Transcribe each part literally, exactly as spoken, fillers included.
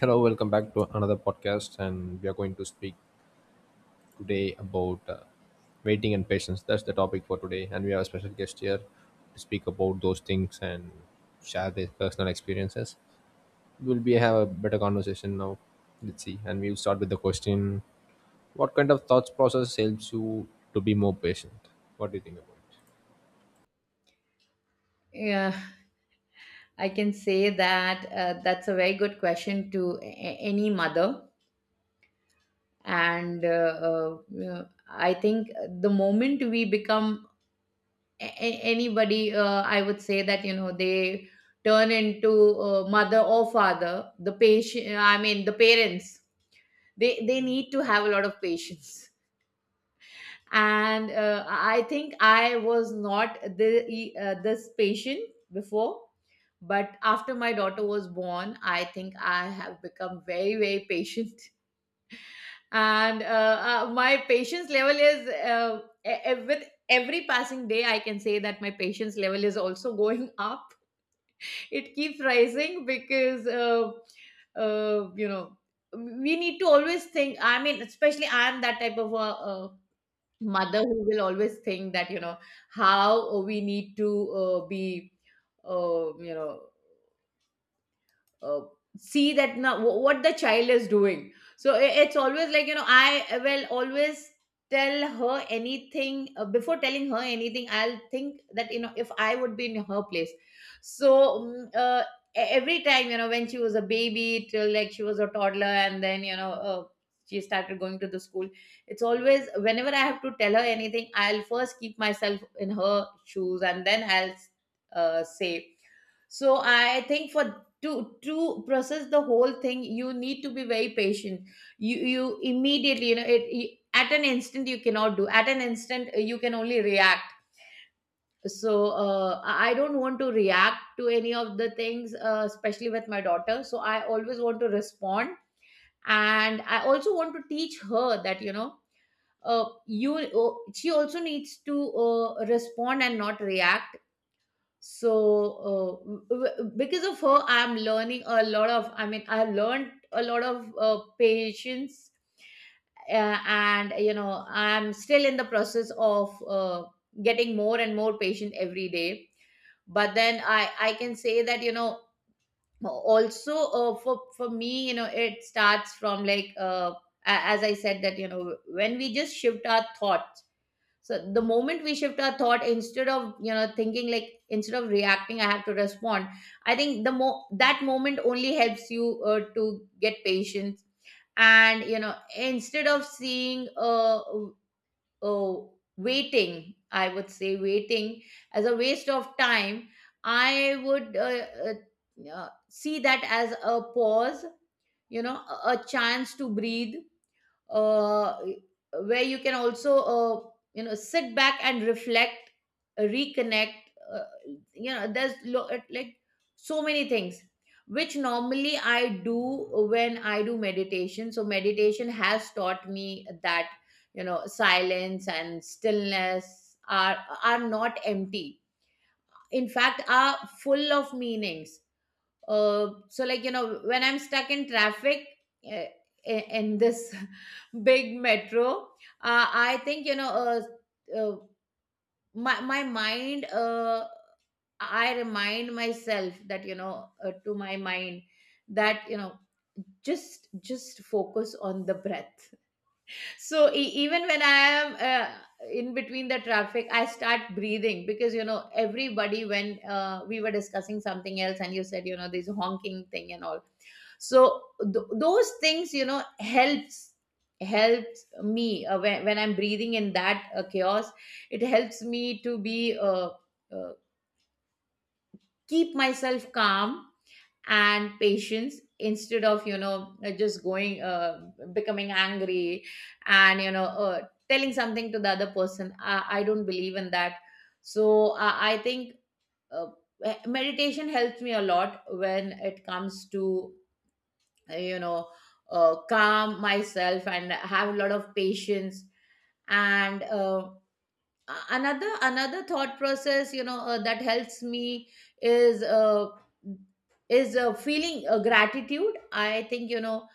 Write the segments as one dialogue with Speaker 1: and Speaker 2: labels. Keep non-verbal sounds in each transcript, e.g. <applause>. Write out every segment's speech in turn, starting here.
Speaker 1: Hello, welcome back to another podcast, and we are going to speak today about uh, waiting and patience. That's the topic for today, and we have a special guest here to speak about those things and share their personal experiences. We'll be have a better conversation now. Let's see, and we'll start with the question: what kind of thoughts process helps you to be more patient? What do you think about
Speaker 2: Yeah, I can say that uh, that's a very good question to a- a- any mother. And uh, uh, you know, I think the moment we become a- a- anybody, uh, I would say that, you know, they turn into uh, mother or father, the patient, I mean, the parents, they, they need to have a lot of patience, and uh, I think I was not the, e, uh, this patient before, but after my daughter was born, I think I have become very very patient. <laughs> and uh, uh, my patience level is, uh, e- e- with every passing day, I can say that my patience level is also <laughs> going up. It keeps rising because, uh, uh, you know, we need to always think. I mean, especially I am that type of a, uh mother who will always think that, you know, how we need to uh, be, uh, you know uh, see that now wh- what the child is doing. So i- it's always like, you know, I will always tell her anything. Uh, before telling her anything, I'll think that, you know, if I would be in her place. So mm, uh, e- every time, you know, when she was a baby, till like she was a toddler, and then, you know, uh, she started going to the school. It's always whenever I have to tell her anything, I'll first keep myself in her shoes, and then I'll uh, say. So I think for to to process the whole thing, you need to be very patient. You you immediately, you know, it, it- at an instant you cannot do. At an instant uh, you can only react. So uh, i I don't want to react to any of the things, uh, especially with my daughter, so I always want to respond. And I also want to teach her that, you know, uh, you uh, she also needs to uh, respond and not react. So uh, w- w- because of her, I'm learning a lot of, I mean, I learned a lot of uh, patience. Uh, and you know, I'm still in the process of uh, getting more and more patient every day. But then i i can say that, you know, also uh, for for me, you know, it starts from like, uh, a- as I said that, you know, when we just shift our thoughts. So the moment we shift our thought, instead of, you know, thinking like, instead of reacting, I have to respond. I think the mo that moment only helps you uh, to get patience. And you know, instead of seeing, uh, uh waiting, I would say, waiting as a waste of time, I would uh, uh, uh, see that as a pause, you know, a a chance to breathe, uh, where you can also uh, you know, sit back and reflect, reconnect. Uh, you know, there's lo- like so many things which normally I do when I do meditation. So meditation has taught me that, you know, silence and stillness are are not empty. In fact, are full of meanings. Uh, so like, you know, when I'm stuck in traffic, uh, i- in this <laughs> big metro, uh, I think, you know, uh, uh, my my mind, uh, I remind myself that, you know, uh, to my mind, that, you know, just just focus on the breath. So e- even when I am uh, in between the traffic, I start breathing, because, you know, everybody, when uh, we were discussing something else, and you said, you know, this honking thing and all. So th- those things, you know, helps, helps me, uh, when, when I'm breathing in that uh, chaos, it helps me to be, uh, uh, keep myself calm and patience, instead of, you know, uh, just going uh, becoming angry, and you know, uh, telling something to the other person. i, I don't believe in that. So i i think uh, meditation helps me a lot when it comes to uh, you know uh, calm myself and have a lot of patience. And uh, a- another another thought process, you know, uh, that helps me is uh, is uh, feeling uh, gratitude. I think, you know,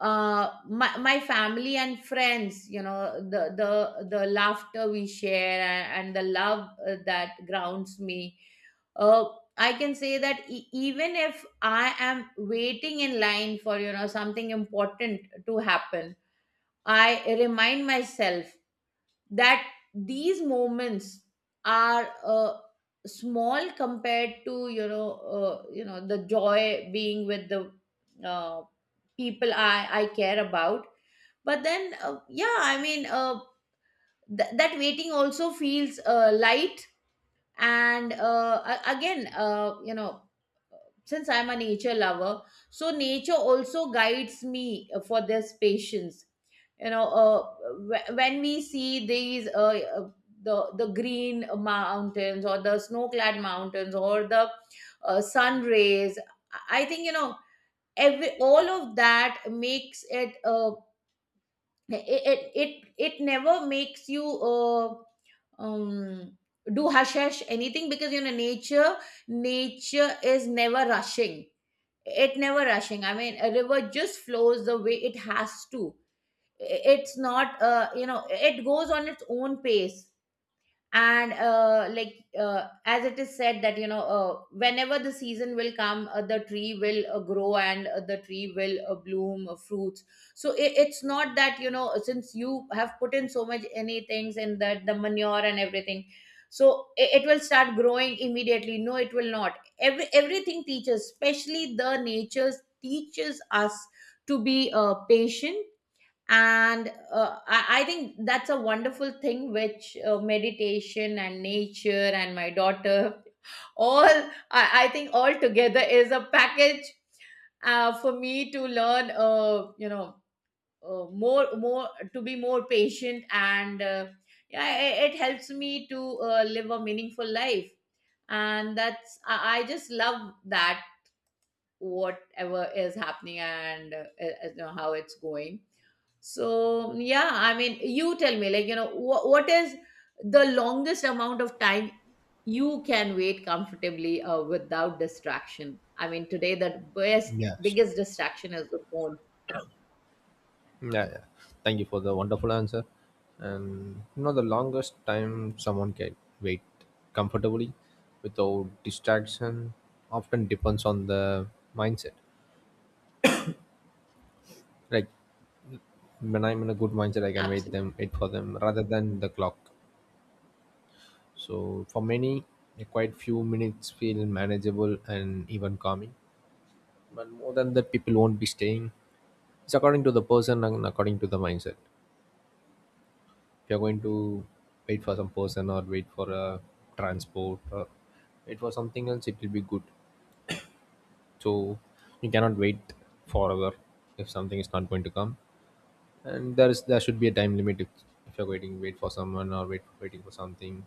Speaker 2: uh my, my family and friends, you know, the the the laughter we share, and, and the love, uh, that grounds me. uh I can say that, e- even if I am waiting in line for, you know, something important to happen, I remind myself that these moments are, uh, small compared to, you know, uh, you know the joy being with the, uh, people I, I care about. But then uh, yeah, I mean, uh, th- that waiting also feels uh, light. And uh, a- again, uh, you know, since I'm a nature lover, so nature also guides me uh, for this patience. You know, uh, wh- when we see these, uh, uh, the the green mountains or the snow clad mountains or the uh, sun rays, I think, you know, every, all of that makes it, uh, it, it it it never makes you, uh, um do hush hush anything, because you know, nature, nature is never rushing. It never rushing. I mean, a river just flows the way it has to. It's not, uh, you know, it goes on its own pace. And uh, like uh, as it is said that, you know, uh, whenever the season will come, uh, the tree will uh, grow, and uh, the tree will uh, bloom uh, fruits. So I it's not that, you know, since you have put in so much any things in that, the manure and everything, so i- it will start growing immediately. No, it will not. Every, everything teaches, especially the natures teaches us to be uh, patient. And uh, I, I think that's a wonderful thing, which uh, meditation and nature and my daughter <laughs> all, I, I think all together is a package uh, for me to learn, uh, you know uh, more more to be more patient. And uh, yeah, it, it helps me to uh, live a meaningful life. And that's, I, I just love that, whatever is happening. And uh, uh, you know, how it's going. So yeah, I mean, you tell me, like, you know, wh- what is the longest amount of time you can wait comfortably uh, without distraction? I mean, today the best,
Speaker 1: it? Yeah, sure.
Speaker 2: biggest distraction is the phone.
Speaker 1: Yeah, yeah. Thank you for the wonderful answer. And you know, the longest time someone can wait comfortably without distraction often depends on the mindset. Like when I'm in a good mindset, I can wait
Speaker 2: Absolutely.
Speaker 1: them, wait for them rather than the clock. So for many, a quite few minutes feel manageable and even calming. But more than that, people won't be staying. It's according to the person and according to the mindset. If you're going to wait for some person or wait for a transport or wait for something else, it will be good. So you cannot wait forever if something is not going to come, and there is there should be a time limit. if, if you're waiting, wait for someone or wait waiting for something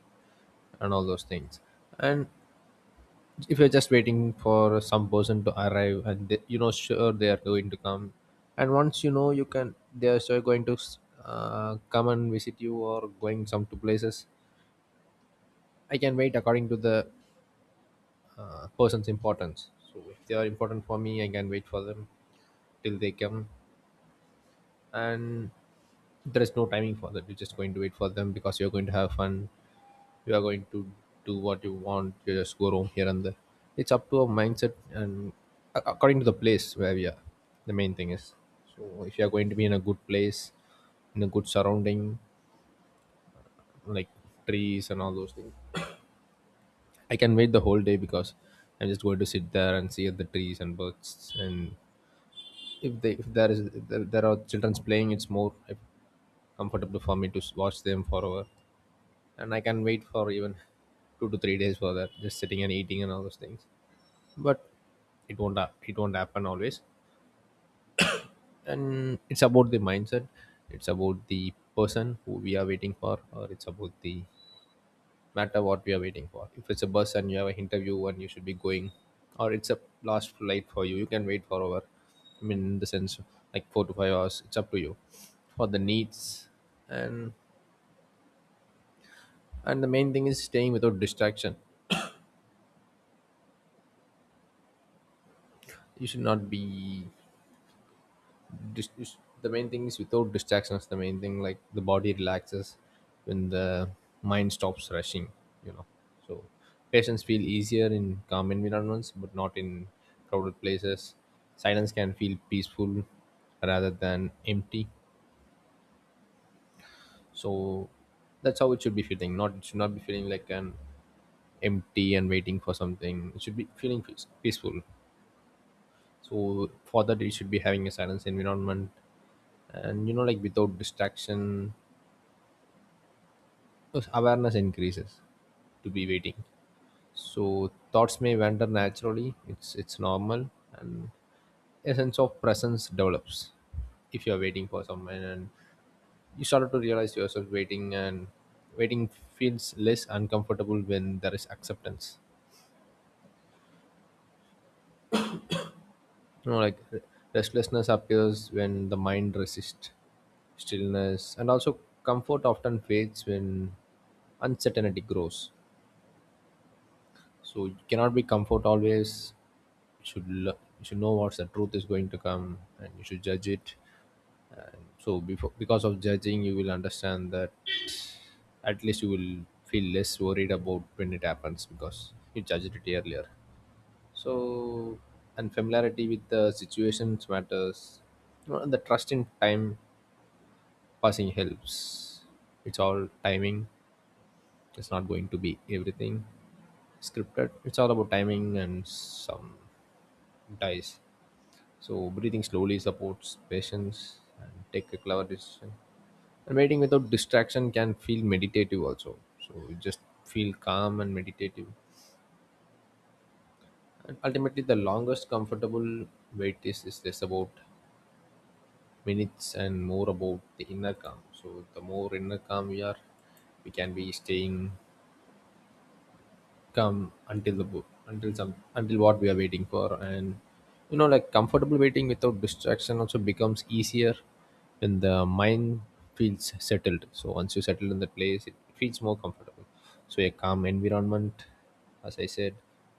Speaker 1: and all those things. And if you're just waiting for some person to arrive and they, you know, sure they are going to come, and once you know you can, they are sure going to uh, come and visit you or going some to places, I can wait according to the uh, person's importance. So if they are important for me, I can wait for them till they come, and there is no timing for that. You're just going to wait for them because you're going to have fun. You are going to do what you want. You just go roam here and there. It's up to a mindset and a- according to the place where we are. The main thing is, so if you are going to be in a good place, in a good surrounding, like trees and all those things, I can wait the whole day because I'm just going to sit there and see the trees and birds. And if they, if there is, if there there are childrens playing, it's more uh, comfortable for me to s- watch them forever. And I can wait for even two to three days for that, just sitting and eating and all those things. But it won't hap- it won't happen always. And it's about the mindset. It's about the person who we are waiting for, or it's about the matter what we are waiting for. If it's a bus and you have an interview and you should be going, or it's a last flight for you, you can wait for over. I mean, in the sense like four to five hours. It's up to you for the needs and and the main thing is staying without distraction. You should not be dis- dis- the main thing is without distractions, the main thing, like the body relaxes when the mind stops rushing, you know. So patients feel easier in calm environments, but not in crowded places. Silence can feel peaceful rather than empty. So that's how it should be feeling. Not it should not be feeling like an empty and waiting for something. It should be feeling peace- peaceful. So for that, it should be having a silence environment, and you know, like without distraction, because awareness increases to be waiting. So thoughts may wander naturally. It's it's normal, and a sense of presence develops if you are waiting for someone, and you started to realize yourself waiting, and waiting feels less uncomfortable when there is acceptance. You know, like re- restlessness appears when the mind resists stillness, and also comfort often fades when uncertainty grows. So you cannot be comfort always. You should lo- you should know what's the truth is going to come and you should judge it. And so before, because of judging, you will understand that at least you will feel less worried about when it happens because you judged it earlier. So, and familiarity with the situations matters. You know, the trust in time passing helps. It's all timing. It's not going to be everything scripted. It's all about timing and some dice. So breathing slowly supports patience and take a clever decision. And waiting without distraction can feel meditative also. So you just feel calm and meditative. And ultimately, the longest comfortable wait is, is less about minutes and more about the inner calm. So the more inner calm we are, we can be staying come until the book until some until what we are waiting for. And you know, like comfortable waiting without distraction also becomes easier when the mind feels settled. So once you settle in the place, it feels more comfortable. So a calm environment, as I said,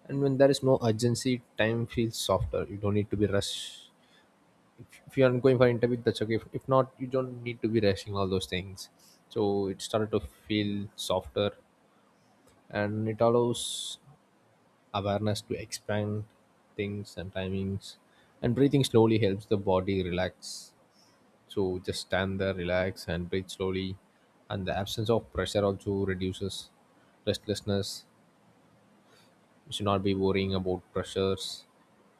Speaker 1: and when there is no urgency, time feels softer. You don't need to be rushed. if, if you are going for interview, that's okay. if, if not, you don't need to be rushing all those things. So it started to feel softer, and it allows awareness to expand things and timings. And breathing slowly helps the body relax. So just stand there, relax and breathe slowly. And the absence of pressure also reduces restlessness. We should not be worrying about pressures,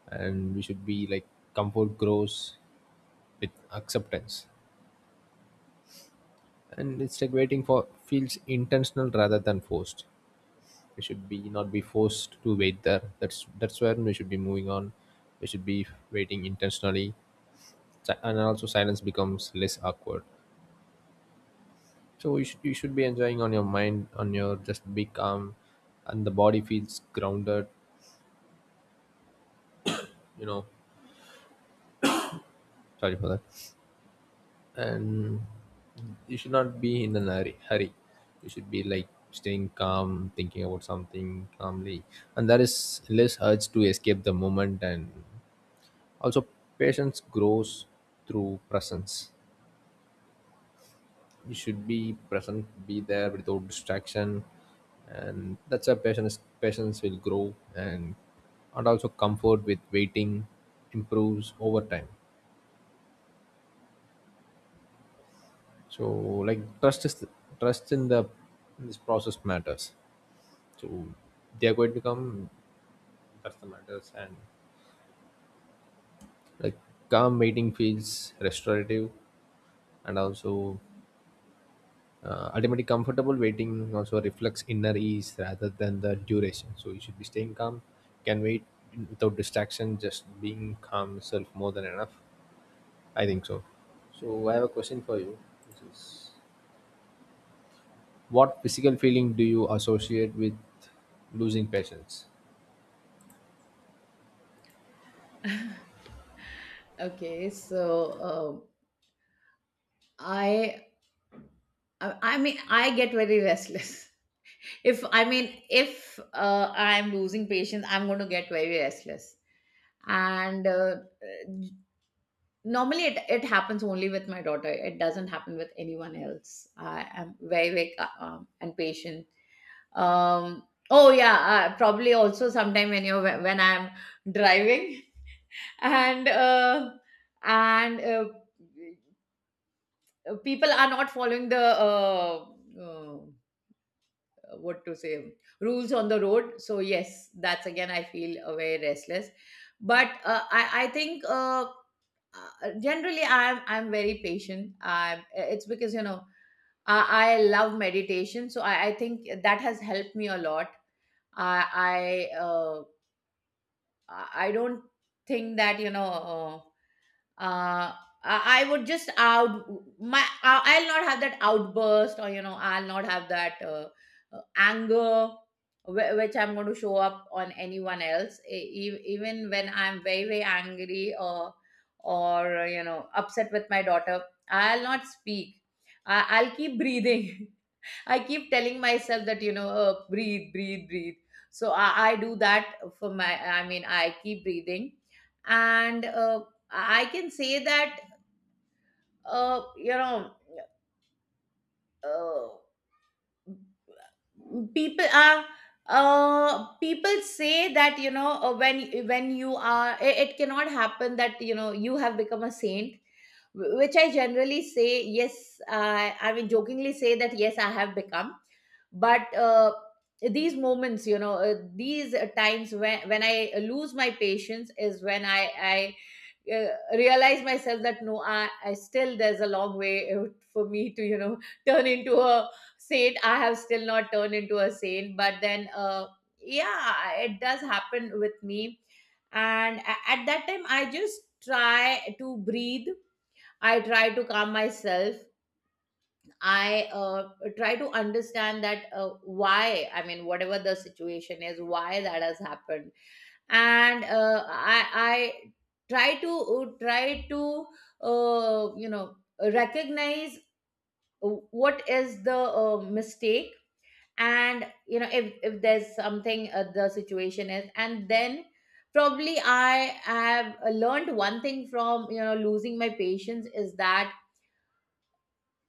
Speaker 1: and we should be like comfort grows with acceptance. And it's like waiting for feels intentional rather than forced. We should be not be forced to wait there. That's that's when we should be moving on. We should be waiting intentionally. Si- and also silence becomes less awkward. So you should, you should be enjoying on your mind, on your, just be calm. And the body feels grounded, you know. Sorry for that. And you should not be in a hurry hurry. You should be like staying calm, thinking about something calmly. And there is less urge to escape the moment. And also, patience grows through presence. You should be present, be there without distraction, and that's how patience patience will grow. and and also comfort with waiting improves over time. So, like trust is trust in the, in this process matters. So they are going to come. That's the matters. And like calm waiting feels restorative. And also, Uh, ultimately, comfortable waiting also reflects inner ease rather than the duration. So you should be staying calm, can wait without distraction. Just being calm itself more than enough. I think so. So I have a question for you. This is what physical feeling do you associate with losing patience?
Speaker 2: Okay, so um, I, I, I mean, I get very restless. <laughs> If, I mean, if uh, I'm losing patience, I'm going to get very restless. And uh, normally it, it happens only with my daughter. It doesn't happen with anyone else. I am very very ca- um, and patient. um oh yeah, uh, probably also sometime when you're when I'm driving, <laughs> and uh, and uh, people are not following the, uh, uh, uh, what to say, rules on the road. So yes, that's again I feel uh, very restless. But uh, i i think uh, uh, generally i'm i'm very patient. I It's because, you know, i, I love meditation. So I, I think that has helped me a lot. i i uh, i I don't think that, you know, Uh, uh, I I would just out my. I- I'll not have that outburst, or you know, I'll not have that uh, uh, anger, wh- which I'm going to show up on anyone else. E- e- even when I'm very very angry or or you know, upset with my daughter, I'll not speak. I- I'll keep breathing. <laughs> I keep telling myself that, you know, uh, breathe, breathe, breathe. So I, I do that for my, I mean, I keep breathing. And uh, I can say that, uh, you know, uh, people are, uh people say that, you know, uh, when when you are, it, it cannot happen that, you know, you have become a saint, wh- which I generally say, yes, i i mean jokingly say that yes, I have become. But uh, these moments, you know, uh, these uh, times when when I lose my patience, is when I I uh, realize myself that no, I, I still, there's a long way for me to, you know, <laughs> turn into a saint. I have still not turned into a saint. But then uh, yeah, it does happen with me. And a- at that time, I just try to breathe. I try to calm myself. I uh, try to understand that, uh, why, I mean, whatever the situation is, why that has happened. And uh, I, I try to, try to, uh, you know recognize what is the uh, mistake. And you know, if, if there's something, uh, the situation is, and then probably I have uh, learned one thing from, you know, losing my patience, is that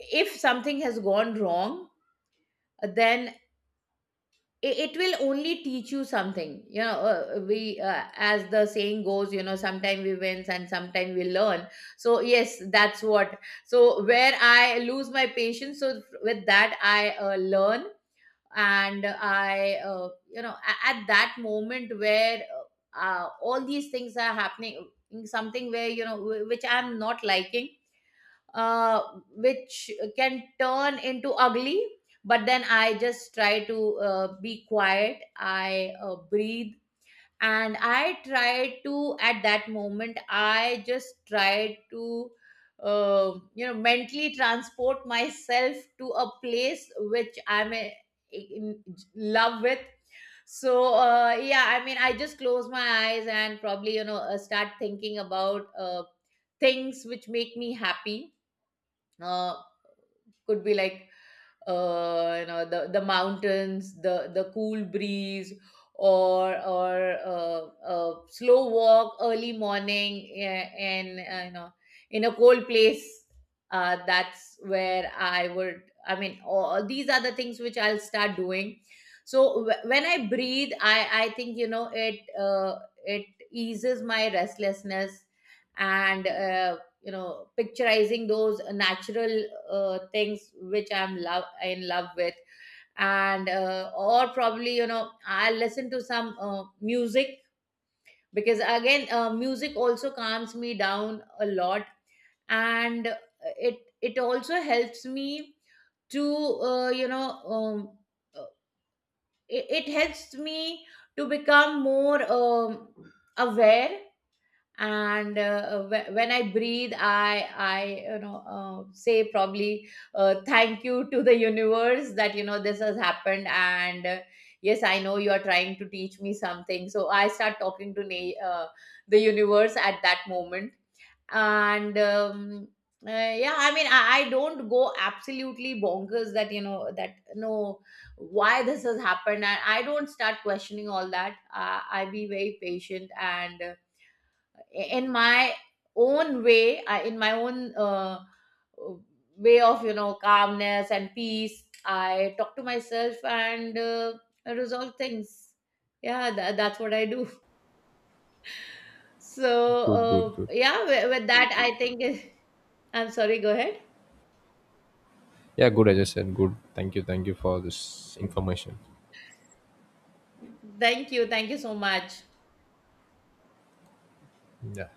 Speaker 2: if something has gone wrong, then it, it will only teach you something. You know, uh, we uh, as the saying goes, you know, sometimes we wins and sometimes we learn. So yes, that's what. So where I lose my patience, so with that I uh, learn. And i uh, you know, a- at that moment where uh, all these things are happening, something where, you know, wh- which I'm not liking, uh, which can turn into ugly. But then I just try to uh, be quiet. I uh, breathe, and I try to, at that moment, I just try to, uh, you know, mentally transport myself to a place which I'm uh, in love with. So uh, yeah, I mean, I just close my eyes, and probably, you know, uh, start thinking about uh, things which make me happy. uh, could be like, uh, you know, the the mountains, the the cool breeze, or or uh, a slow walk, early morning, yeah, and uh, you know, in a cold place. Uh, that's where I would. I mean, all these are the things which I'll start doing. So wh- when I breathe, I I think, you know, it uh, it eases my restlessness. And uh, you know, picturizing those uh, natural uh, things which I'm love, in love with. And uh, or probably, you know, I listen to some uh, music, because again, uh, music also calms me down a lot. And it it also helps me to uh, you know um, uh, it it helps me to become more um, aware. And uh, wh- when I breathe, i i you know, uh, say probably uh, thank you to the universe, that, you know, this has happened. And uh, yes, I know you are trying to teach me something. So I start talking to na- uh, the universe at that moment. And um, uh, yeah, I mean, I, I don't go absolutely bonkers that, you know, that no, why this has happened, and I don't start questioning all that. uh, I be very patient. And uh, in my own way, I, in my own uh, way of, you know, calmness and peace, I talk to myself, and uh, resolve things. Yeah, tha- that's what I do. <laughs>
Speaker 1: Good, good,
Speaker 2: So
Speaker 1: good.
Speaker 2: uh, yeah, with, with that, I think <laughs> I'm sorry, go ahead.
Speaker 1: Yeah, good. I just said good. Thank you, thank you for this information.
Speaker 2: Thank you, thank you so much.
Speaker 1: Yeah.